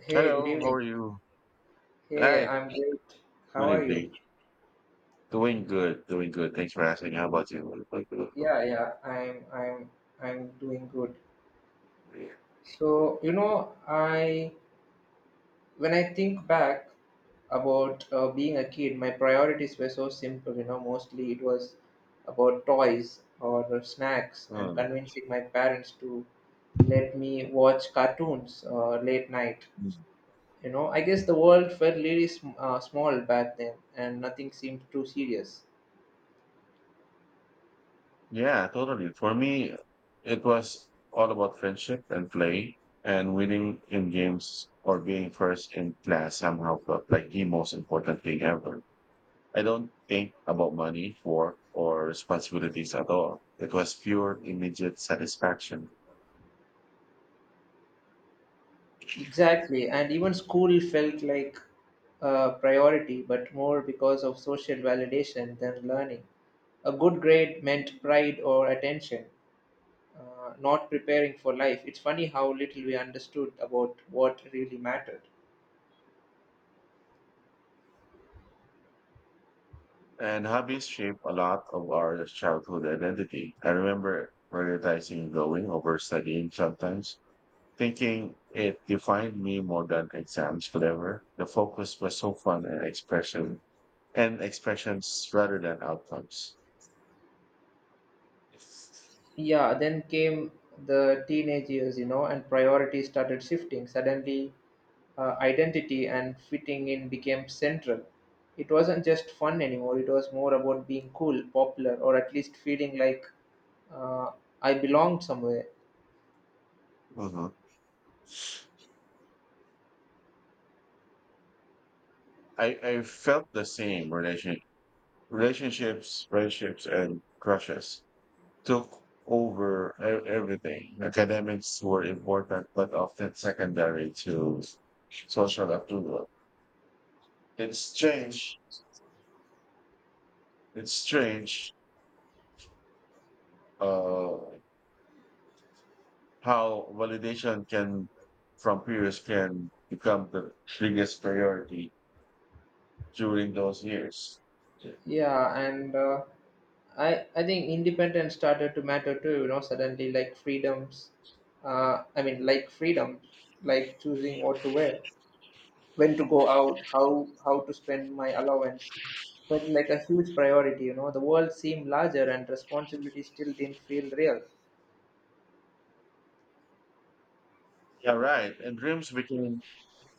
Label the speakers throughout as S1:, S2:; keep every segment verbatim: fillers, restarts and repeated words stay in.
S1: Hey, good
S2: Hello, how
S1: evening.
S2: are you?
S1: Hey,
S2: Hi,
S1: I'm great. How
S2: good
S1: are you?
S2: evening. Doing good, doing good. Thanks for asking. How about you?
S1: Yeah, yeah, I'm I'm I'm doing good. So, you know, I when I think back about uh, being a kid, my priorities were so simple, you know. Mostly it was about toys or snacks and
S2: Um,
S1: convincing my parents to let me watch cartoons uh, late night.
S2: mm,
S1: You know, I guess the world felt really sm- uh, small back then and nothing seemed too serious.
S2: yeah, totally. For me, it was all about friendship and play, and winning in games or being first in class somehow felt like the most important thing ever. I don't think about money, work, or responsibilities at all. It was pure immediate satisfaction.
S1: Exactly, and even school felt like a priority, but more because of social validation than learning. A good grade meant pride or attention, uh, not preparing for life. It's funny how little we understood about what really mattered.
S2: And hobbies shape a lot of our childhood identity. I remember prioritizing going over studying sometimes, thinking it defined me more than exams could ever. The focus was so fun and expression and expressions rather than outcomes.
S1: Yeah, then came the teenage years, you know, and priorities started shifting. Suddenly, uh, identity and fitting in became central. It wasn't just fun anymore, it was more about being cool, popular, or at least feeling like uh, I belonged somewhere.
S2: Mhm. I, I felt the same relation relationships, friendships, and crushes, took over e- everything. Academics were important, but often secondary to social approval. It's strange. It's strange uh, how validation can from peers can become the biggest priority during those years. Yeah,
S1: Yeah, and uh, I I think independence started to matter too. You know, suddenly like freedoms. Uh, I mean, like freedoms, like choosing what to wear, when to go out, how how to spend my allowance. But like a huge priority, you know, the world seemed larger and responsibility still didn't feel real.
S2: right. And dreams began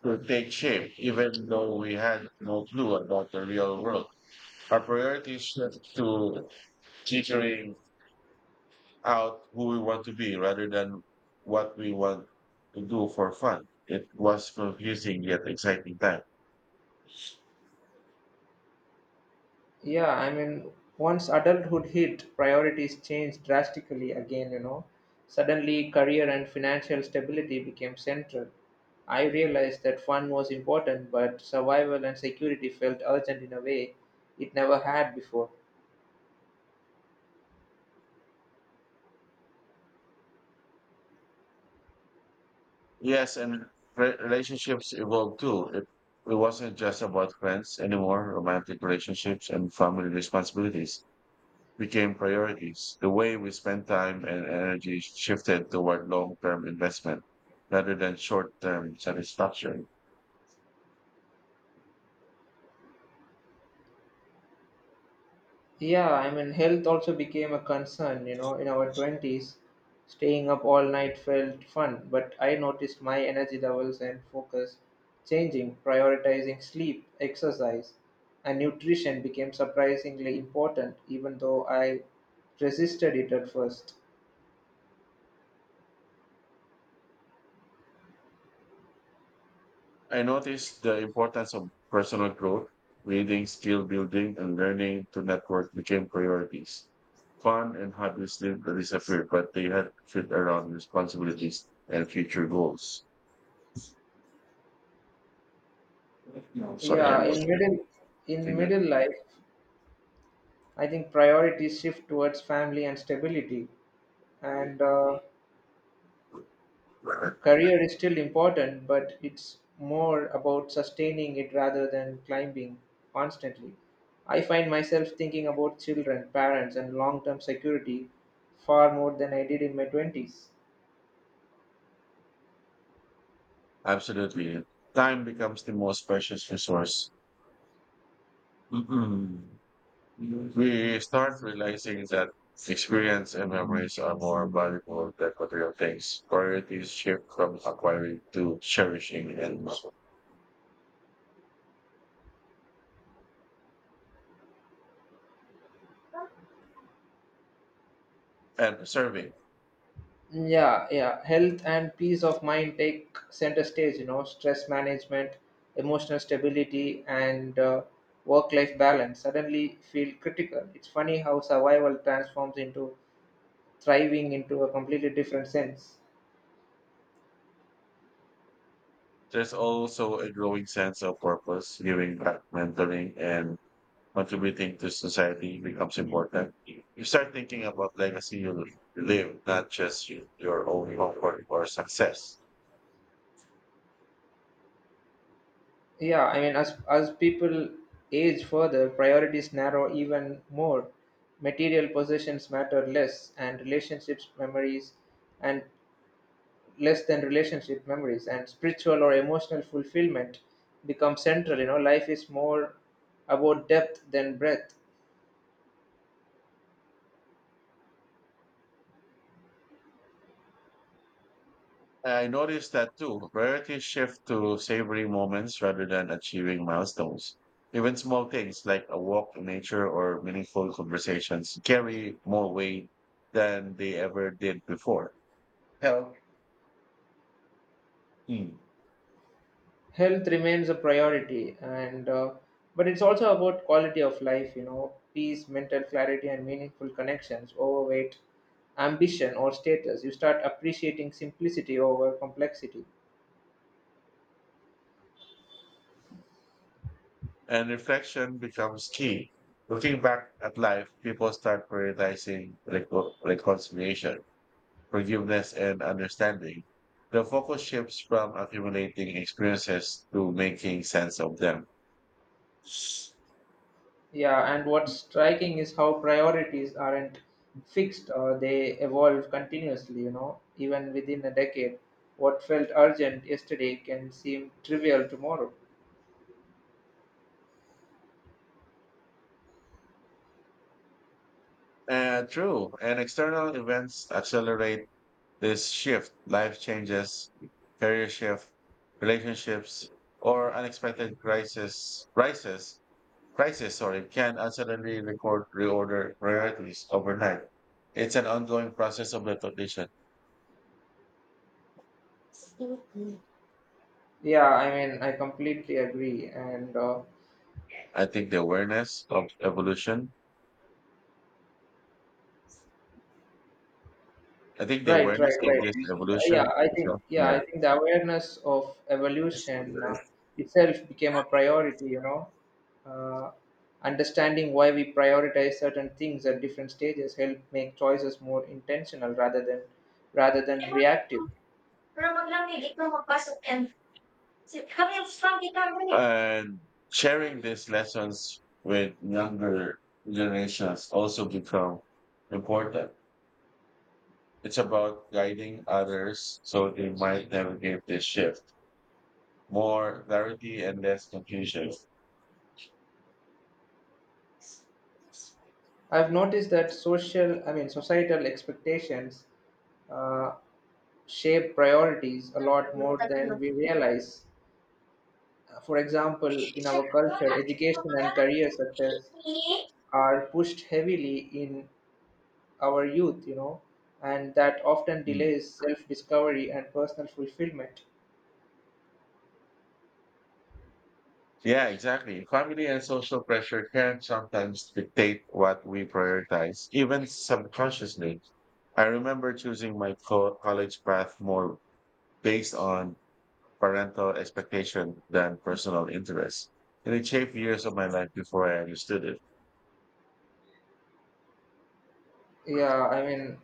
S2: to take shape, even though we had no clue about the real world. Our priorities shift to teaching out who we want to be rather than what we want to do for fun. It was confusing yet exciting time.
S1: Yeah, I mean, once adulthood hit, priorities changed drastically again, you know. Suddenly, career and financial stability became central. I realized that fun was important, but survival and security felt urgent in a way it never had before.
S2: Yes, and re- relationships evolved too. It, it wasn't just about friends anymore. Romantic relationships and family responsibilities became priorities. The way we spent time and energy shifted toward long term investment rather than short term satisfaction.
S1: Yeah, I mean, health also became a concern, you know, in our twenties. Staying up all night felt fun, but I noticed my energy levels and focus changing. Prioritizing sleep, exercise, and nutrition became surprisingly important, even though I resisted it at first.
S2: I noticed the importance of personal growth, reading, skill building, and learning to network became priorities. Fun and hobbies didn't disappear, but they had to fit around responsibilities and future goals. No. Sorry, I
S1: Yeah, in
S2: lost it.
S1: middle in
S2: Continue.
S1: middle life, I think priorities shift towards family and stability, and uh, career is still important, but it's more about sustaining it rather than climbing constantly. I find myself thinking about children, parents, and long term security far more than I did in my twenties.
S2: Absolutely. Time becomes the most precious resource. Mhm. We start realizing that experience and memories are more valuable than material things. Priorities shift from acquiring to cherishing, and, and serving.
S1: Yeah, yeah. Health and peace of mind take center stage, you know. Stress management, emotional stability, and uh, work life balance suddenly feel critical. It's funny how survival transforms into thriving into a completely different sense.
S2: There's also a growing sense of purpose, giving back, mentoring, and contributing to society becomes important. You start thinking about legacy you live, not just your own comfort or success.
S1: Yeah, I mean, as as people age further, priorities narrow even more. Material possessions matter less, and relationships memories, and less than relationship memories, and spiritual or emotional fulfillment become central. You know, life is more about depth than breadth.
S2: I noticed that too. Priorities shift to savoring moments rather than achieving milestones. Even small things like a walk in nature or meaningful conversations carry more weight than they ever did before. Health mm,
S1: Health remains a priority, and uh, but it's also about quality of life, you know. Peace, mental clarity, and meaningful connections overweight ambition or status. You start appreciating simplicity over complexity.
S2: and reflection becomes key. Looking back at life, people start prioritizing reco- reconciliation, forgiveness, and understanding. The focus shifts from accumulating experiences to making sense of them.
S1: Yeah, and what's striking is how priorities aren't fixed. Uh, they evolve continuously, you know. Even within a decade, what felt urgent yesterday can seem trivial tomorrow.
S2: Uh, true. And external events accelerate this shift, life changes, career shift, relationships, or unexpected crisis, crisis, crisis, sorry, can uncertainly record reorder priorities overnight. It's an ongoing process of recognition.
S1: Yeah, I mean, I completely agree, and uh,
S2: I think the awareness of evolution, I think the
S1: right,
S2: awareness
S1: right,
S2: of
S1: right.
S2: this
S1: Yeah,
S2: evolution
S1: I
S2: is,
S1: think yeah,
S2: yeah.
S1: I think the awareness of evolution uh, itself became a priority. You know, uh, understanding why we prioritize certain things at different stages help make choices more intentional rather than rather than reactive.
S2: And sharing these lessons with younger generations also become important. It's about guiding others so they might navigate this shift. More clarity and less confusion.
S1: I've noticed that social, I mean, societal expectations uh, shape priorities a lot more than we realize. For example, in our culture, education and career success are pushed heavily in our youth, you know, and that often
S2: Mm.
S1: delays self discovery and personal fulfillment.
S2: Yeah, exactly. Family and social pressure can sometimes dictate what we prioritize, even subconsciously. I remember choosing my co- college path more based on parental expectation than personal interest. And it shaped years of my life before I understood it.
S1: Yeah, I mean,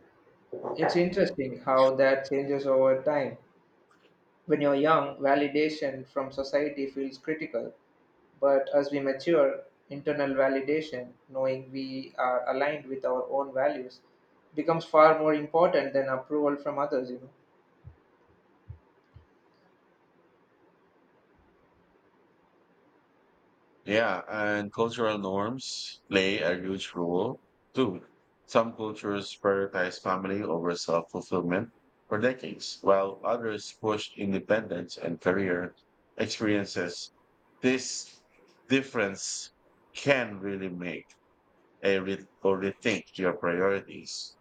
S1: it's interesting how that changes over time. When you're young, validation from society feels critical, but as we mature, internal validation, knowing we are aligned with our own values, becomes far more important than approval from others, you know.
S2: Yeah, and cultural norms play a huge role too. Some cultures prioritize family over self-fulfillment for decades, while others push independence and career experiences. This difference can really make a re- or rethink your priorities.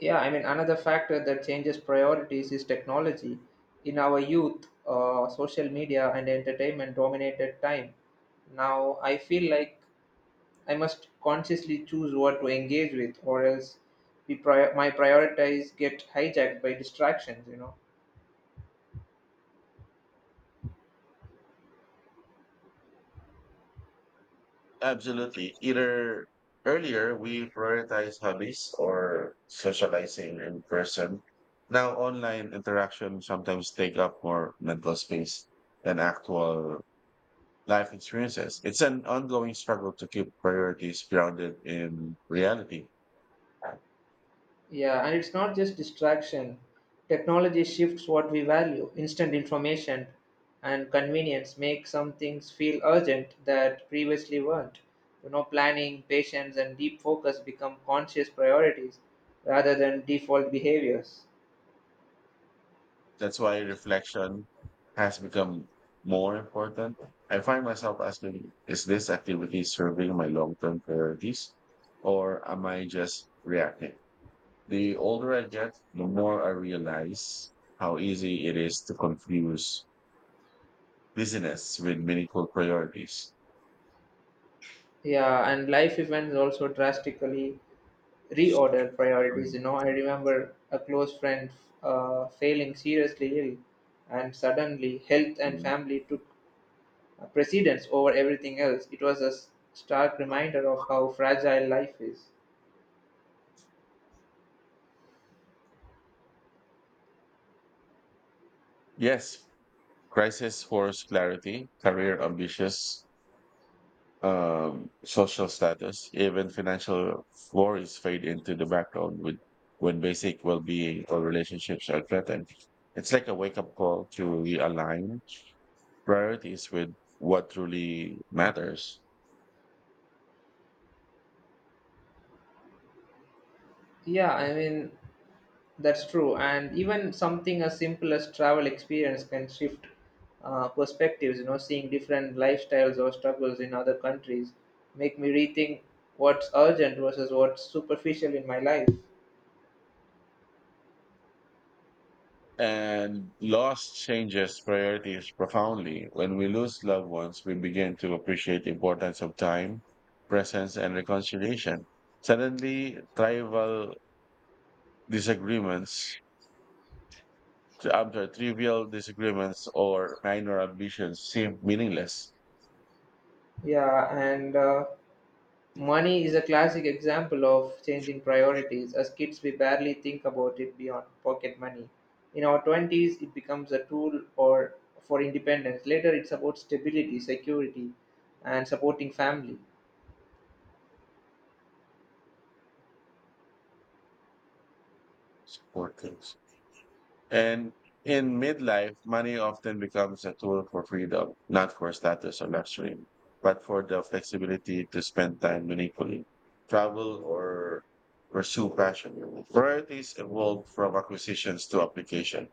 S1: Yeah, I mean, another factor that changes priorities is technology. In our youth, uh, social media and entertainment dominated time. Now, I feel like I must consciously choose what to engage with, or else we pri- my priorities get hijacked by distractions, you know.
S2: Absolutely. Either earlier we prioritize hobbies or socializing in person. Now online interaction sometimes take up more mental space than actual life experiences. It's an ongoing struggle to keep priorities grounded in reality.
S1: Yeah, and it's not just distraction. Technology shifts what we value. Instant information and convenience make some things feel urgent that previously weren't. You know, planning, patience, and deep focus become conscious priorities rather than default behaviors.
S2: That's why reflection has become more important. I find myself asking, is this activity serving my long-term priorities, or am I just reacting? The older I get, the more I realize how easy it is to confuse business with meaningful priorities.
S1: Yeah, and life events also drastically reorder priorities. You know, I remember a close friend uh, failing seriously ill, and suddenly health and
S2: Mm.
S1: family took uh, precedence over everything else. It was a s- stark reminder of how fragile life is.
S2: Yes, crisis force clarity, career ambitions, um, social status, even financial worries fade into the background with, when basic well being or relationships are threatened. It's like a wake up call to realign priorities with what truly matters.
S1: Yeah, I mean, that's true. And even something as simple as travel experience can shift uh, perspectives, you know. Seeing different lifestyles or struggles in other countries make me rethink what's urgent versus what's superficial in my life.
S2: And loss changes priorities profoundly. When we lose loved ones, we begin to appreciate the importance of time, presence, and reconciliation. Suddenly, tribal disagreements, I'm sorry, trivial disagreements or minor ambitions seem meaningless.
S1: Yeah, and uh, money is a classic example of changing priorities. As kids, we barely think about it beyond pocket money. In our twenties, it becomes a tool or for independence. Later, it's about stability, security, and supporting family.
S2: Support And in midlife, money often becomes a tool for freedom, not for status or luxury, but for the flexibility to spend time meaningfully, travel, or pursue passion. Priorities evolve from acquisitions to application.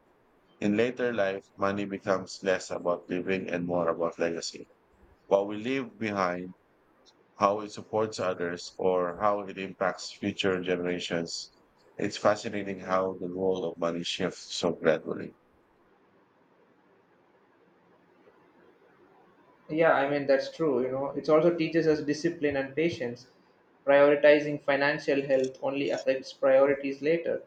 S2: In later life, money becomes less about living and more about legacy. What we leave behind, how it supports others, or how it impacts future generations. It's fascinating how the role of money shifts so gradually.
S1: Yeah, I mean, that's true. You know, it also teaches us discipline and patience. Prioritizing financial health only affects priorities later.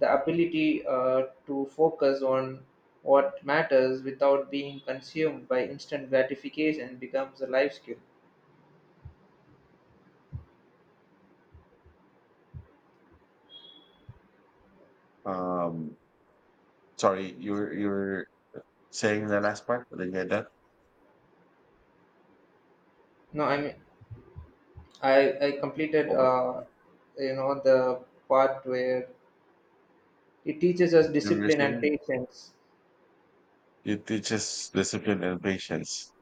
S1: The ability uh, to focus on what matters without being consumed by instant gratification becomes a life skill.
S2: Um, Sorry, you are you are saying the last part, but I get that.
S1: No, I mean, I, I completed,
S2: Or
S1: uh, you know, the part where it teaches us
S2: you were
S1: discipline and
S2: saying
S1: patience.
S2: it teaches discipline and patience.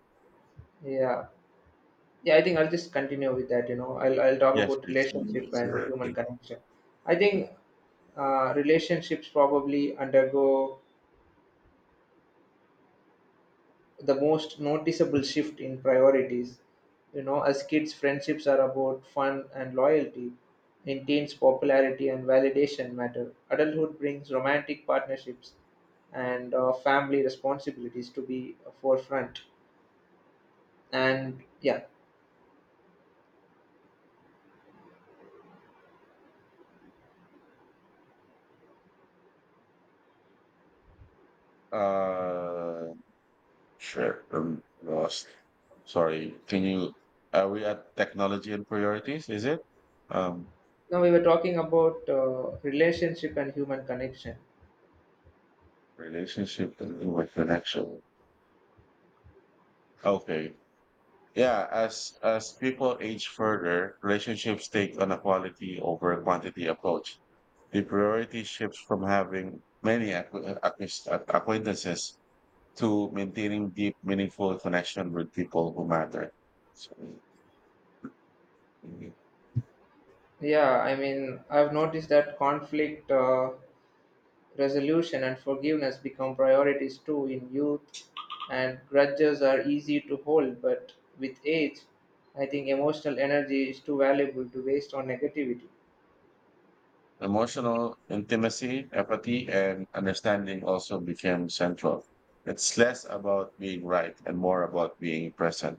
S1: Yeah. Yeah, I think I'll just continue with that. You know, I'll I'll talk
S2: Yes,
S1: about
S2: please.
S1: relationship and human connection. I think uh, relationships probably undergo the most noticeable shift in priorities. You know, as kids, friendships are about fun and loyalty. In teens, popularity and validation matter. Adulthood brings romantic partnerships and uh, family responsibilities to be forefront. And yeah,
S2: Uh, sure. I'm lost. Sorry. Can you? Are we at technology and priorities? Is it? Um,
S1: now we were talking about uh, relationship and human connection.
S2: Relationship and human connection. Okay. Yeah, as as people age further, relationships take on a quality over quantity approach. The priority shifts from having many acqu- acquis- uh, acquaintances to maintaining deep, meaningful connection with people who matter.
S1: Yeah, I mean, I've noticed that conflict uh, resolution and forgiveness become priorities too. In youth, and grudges are easy to hold, but with age, I think emotional energy is too valuable to waste on negativity.
S2: Emotional intimacy, empathy, and understanding also became central. It's less about being right and more about being present.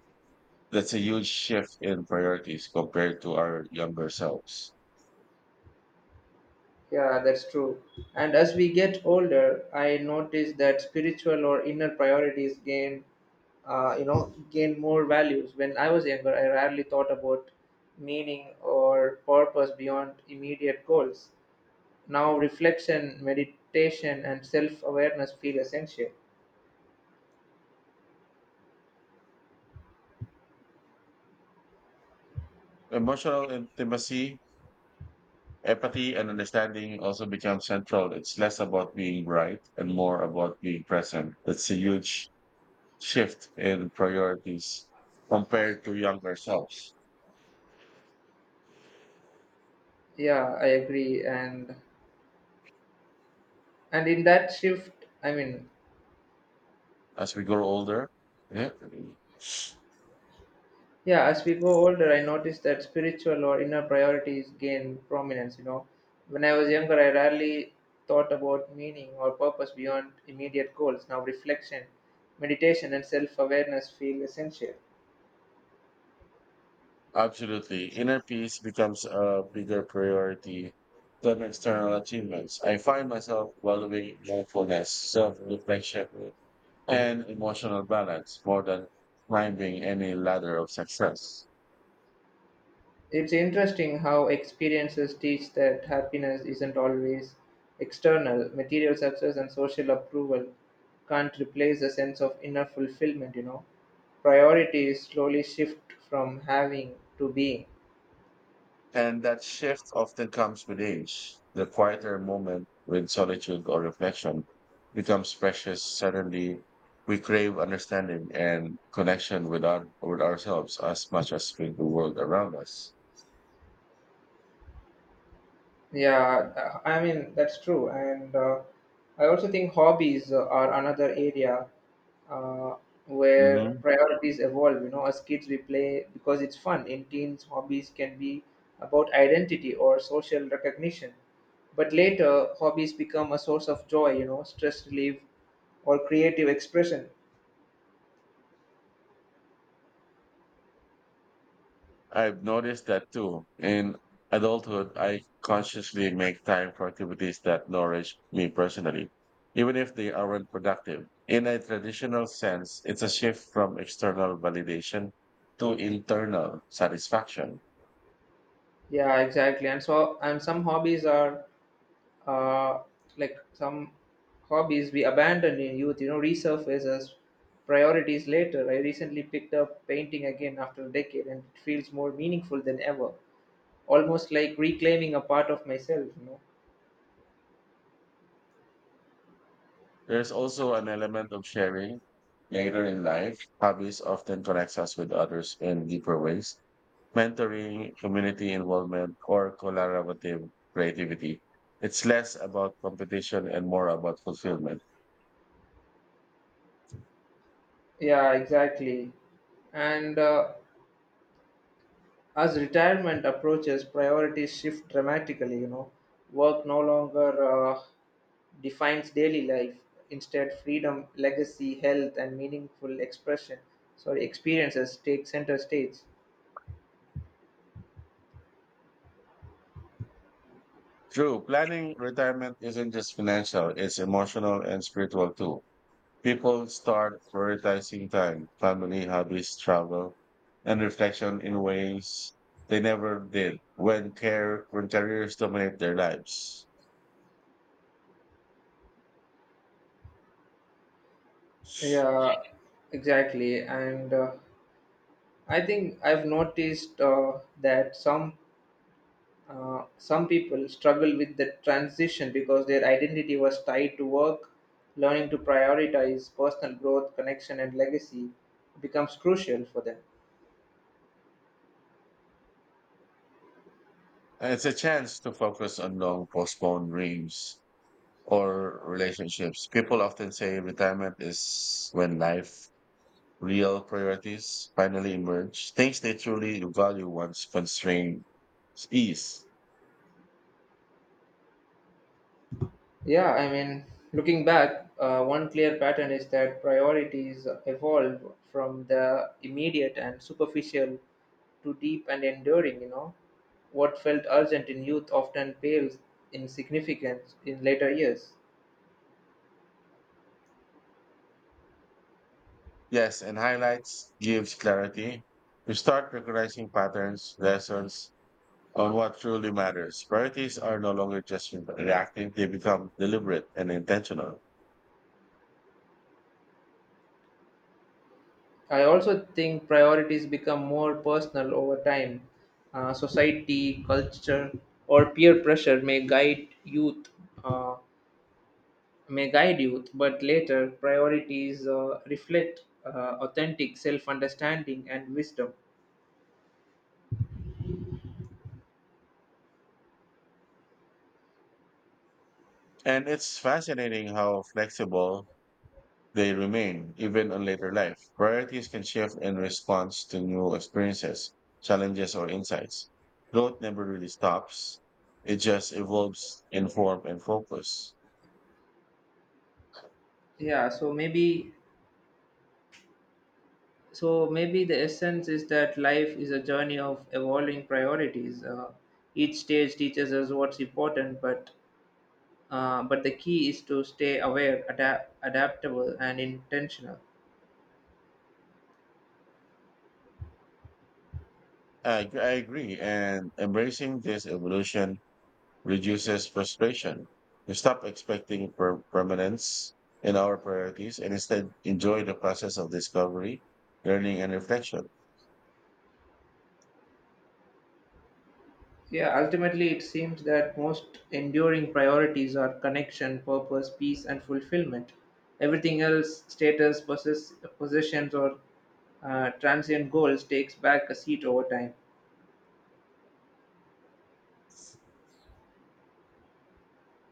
S2: That's a huge shift in priorities compared to our younger selves.
S1: Yeah, that's true. And as we get older, I notice that spiritual or inner priorities gain, uh, you know, gain more values. When I was younger, I rarely thought about meaning or purpose beyond immediate goals. Now reflection, meditation, and self awareness feel essential.
S2: Emotional intimacy. Empathy and understanding also become central. It's less about being right and more about being present. That's a huge shift in priorities compared to younger selves.
S1: Yeah, I agree. And and in that shift I mean
S2: As we grow older, yeah,
S1: Yeah, as we go older, I noticed that spiritual or inner priorities gain prominence, you know. When I was younger, I rarely thought about meaning or purpose beyond immediate goals. Now reflection, meditation, and self awareness feel essential.
S2: absolutely. Inner peace becomes a bigger priority than external achievements. I find myself valuing mindfulness, self reflection, and emotional balance more than climbing any ladder of success.
S1: It's interesting how experiences teach that happiness isn't always external. Material success and social approval can't replace a sense of inner fulfillment, you know. Priorities slowly shift from having to being.
S2: And that shift often comes with age. The quieter moment with solitude or reflection becomes precious. Suddenly, we crave understanding and connection with, our, with ourselves as much as with the world around us.
S1: Yeah, uh, I mean that's true, and uh, I also think hobbies uh, are another area uh, where
S2: Hmm.
S1: priorities evolve. You know, as kids we play because it's fun. In teens, hobbies can be about identity or social recognition, but later hobbies become a source of joy. You know, stress relief or creative expression.
S2: I've noticed that too. In adulthood, I consciously make time for activities that nourish me personally, even if they aren't productive. In a traditional sense, it's a shift from external validation to internal satisfaction.
S1: Yeah, exactly. And so, and some hobbies are uh, like some hobbies we abandon in youth, you know, resurface as priorities later. I recently picked up painting again after a decade and it feels more meaningful than ever. Almost like reclaiming a part of myself, you know.
S2: There's also an element of sharing. Later in life, hobbies often connects us with others in deeper ways. Mentoring, community involvement, or collaborative creativity. It's less about competition and more about fulfillment.
S1: Yeah, exactly. And uh, As retirement approaches, priorities shift dramatically, you know. Work no longer uh, defines daily life. Instead, freedom, legacy, health, and meaningful expression, sorry, experiences take center stage.
S2: True, planning retirement isn't just financial, it's emotional and spiritual too. People start prioritizing time, family, hobbies, travel, and reflection in ways they never did when care when careers dominate their lives.
S1: Yeah, exactly. And uh, I think I've noticed uh, that some uh, some people struggle with the transition because their identity was tied to work. Learning to prioritize personal growth, connection, and legacy becomes crucial for them.
S2: And it's a chance to focus on long postponed dreams or relationships. People often say retirement is when life real priorities finally emerge, things they truly value once constraints ease.
S1: Yeah, I mean, looking back, uh, one clear pattern is that priorities evolve from the immediate and superficial to deep and enduring, you know. What felt urgent in youth often pales in significance in later years.
S2: Yes, and highlights gives clarity. You start recognizing patterns, lessons on what truly matters. Priorities are no longer just reactive, they become deliberate and intentional.
S1: I also think priorities become more personal over time. Uh, society, culture, or peer pressure may guide youth. uh, may guide youth, but later, priorities uh, reflect uh, authentic self-understanding and wisdom.
S2: And it's fascinating how flexible they remain, even in later life. Priorities can shift in response to new experiences, challenges, or insights. Growth never really stops, it just evolves in form and focus.
S1: Yeah, so maybe so maybe the essence is that life is a journey of evolving priorities. Uh, each stage teaches us what's important, but uh, but the key is to stay aware, adapt, adaptable, and intentional.
S2: I, I agree, and embracing this evolution reduces frustration. We stop expecting per- permanence in our priorities and instead enjoy the process of discovery, learning, and reflection.
S1: Yeah, ultimately, it seems that most enduring priorities are connection, purpose, peace, and fulfillment. Everything else, status, possess, possessions, or uh, transient goals, takes back a seat over time.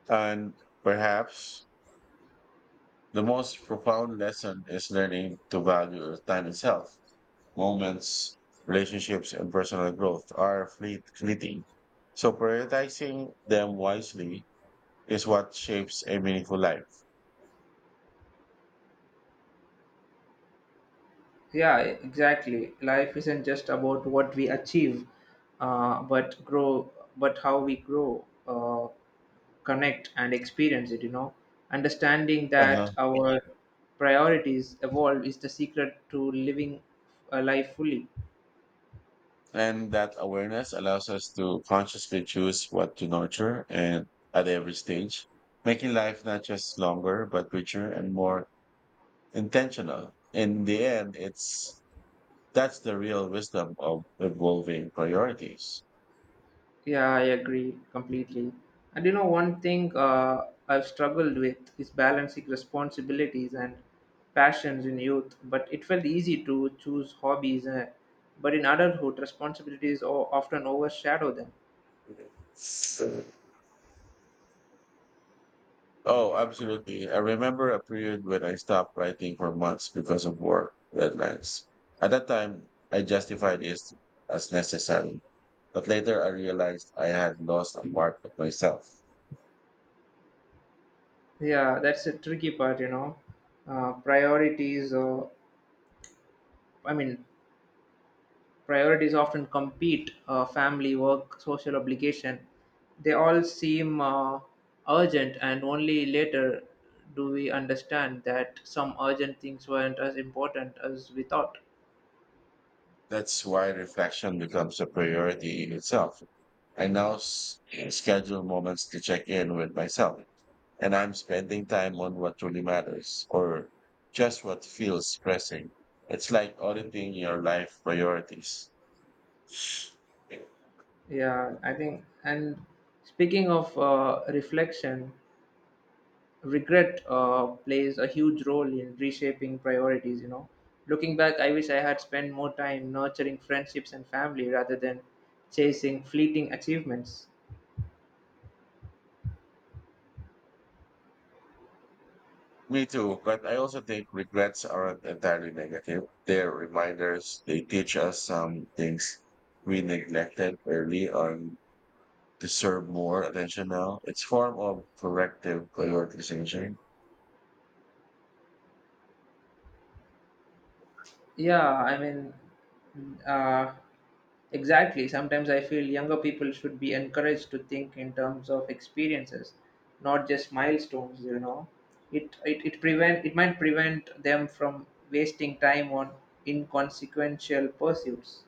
S2: And perhaps the most profound lesson is learning to value time itself. Moments, relationships, and personal growth are fleet- fleeting. So prioritizing them wisely is what shapes a meaningful life.
S1: Yeah, exactly. Life isn't just about what we achieve, uh, but grow, but how we grow, uh, connect, and experience it. You know, understanding that
S2: Uh-huh.
S1: our priorities evolve is the secret to living a life fully.
S2: And that awareness allows us to consciously choose what to nurture and at every stage, making life not just longer, but richer and more intentional. In the end, it's that's the real wisdom of evolving priorities.
S1: Yeah, I agree completely. And you know, one thing uh, I've struggled with is balancing responsibilities and passions. In youth, But it felt easy to choose hobbies, uh, but in adulthood, responsibilities o- often overshadow them.
S2: Oh, absolutely. I remember a period when I stopped writing for months because of work deadlines. At that time, I justified it as necessary, but later I realized I had lost a part of myself.
S1: Yeah, that's a tricky part, you know. Uh, priorities, uh, I mean, Priorities often compete: uh, family, work, social obligation. They all seem uh, urgent, and only later do we understand that some urgent things weren't as important as we thought.
S2: That's why reflection becomes a priority in itself. I now s- schedule moments to check in with myself, and I'm spending time on what truly matters or just what feels pressing. It's like auditing your life priorities.
S1: Yeah, I think. And speaking of uh, reflection, regret uh, plays a huge role in reshaping priorities. You know, looking back, I wish I had spent more time nurturing friendships and family rather than chasing fleeting achievements.
S2: Me too, but I also think regrets aren't entirely negative. They're reminders. They teach us some things we neglected early on Deserve more attention now. It's form of corrective prioritization.
S1: Yeah, I mean, uh, exactly. Sometimes I feel younger people should be encouraged to think in terms of experiences, not just milestones. You know, it it it prevent it might prevent them from wasting time on inconsequential pursuits.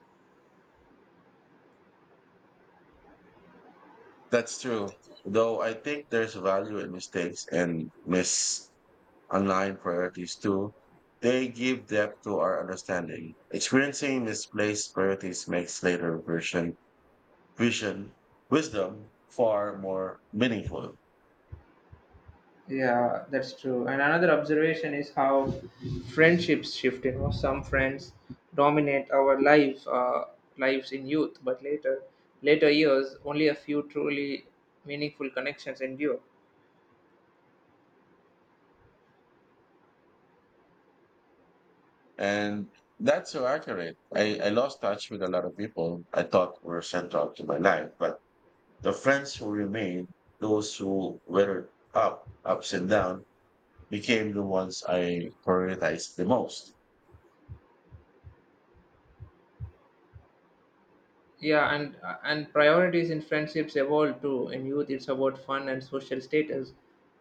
S2: That's true. Though I think there's value in mistakes and misaligned priorities too. They give depth to our understanding. Experiencing misplaced priorities makes later version vision wisdom far more meaningful.
S1: Yeah, that's true. And another observation is how friendships shift. You know, some friends dominate our lives, uh, lives in youth, but later, later years, only a few truly meaningful connections endure.
S2: And that's so accurate. I, I lost touch with a lot of people I thought were central to my life, but The friends who remained, those who weathered up, ups and down, became the ones I prioritized the most.
S1: Yeah, and and priorities in friendships evolve too. In youth, it's about fun and social status.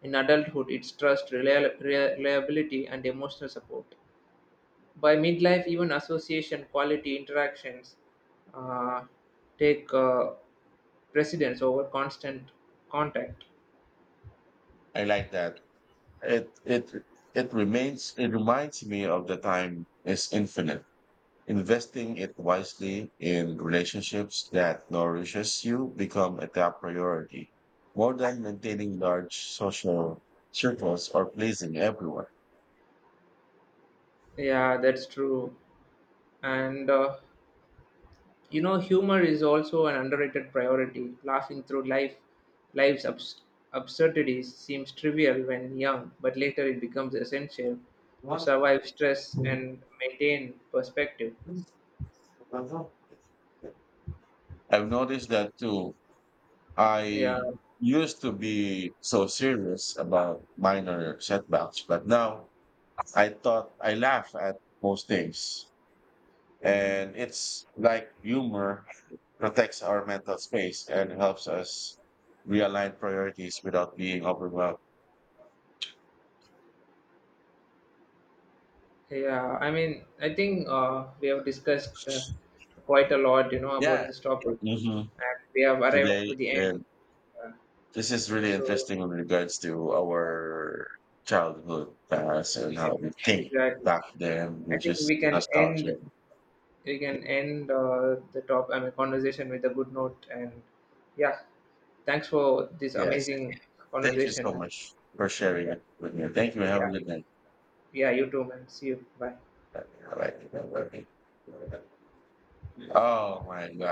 S1: In adulthood, it's trust, relia- reliability, and emotional support. By midlife, even association quality interactions uh, take uh, precedence over constant contact.
S2: I like that. It it it remains it reminds me of the time is infinite. Investing it wisely in relationships that nourishes you become a top priority, more than maintaining large social circles or pleasing everyone.
S1: Yeah, that's true. And uh, You know, humor is also an underrated priority. Laughing through life life's abs- absurdities seems trivial when young, but later it becomes essential to survive stress and maintain perspective.
S2: I've noticed that too
S1: Yeah.
S2: I used to be so serious about minor setbacks, but now I thought I laugh at most things. And it's like humor protects our mental space and helps us realign priorities without being overwhelmed.
S1: Yeah, I mean, I think uh, we have discussed uh, quite a lot, you know, about
S2: Yeah.
S1: this topic,
S2: Hmm.
S1: and we have arrived to
S2: Today,
S1: the end.
S2: and
S1: Uh,
S2: this is really
S1: so,
S2: interesting in regards to our childhood past and how
S1: yeah,
S2: we think
S1: exactly.
S2: back then,
S1: I
S2: which
S1: think
S2: is
S1: we can end.
S2: nostalgic.
S1: We can end uh, the top. I mean, conversation with a good note, and yeah, thanks for this
S2: Yes.
S1: amazing
S2: Thank you
S1: conversation.
S2: so
S1: Uh,
S2: much for sharing
S1: yeah,
S2: it with me. Thank you. Have a
S1: yeah,
S2: good night.
S1: yeah. You too, man. See you. Bye.
S2: Oh my God.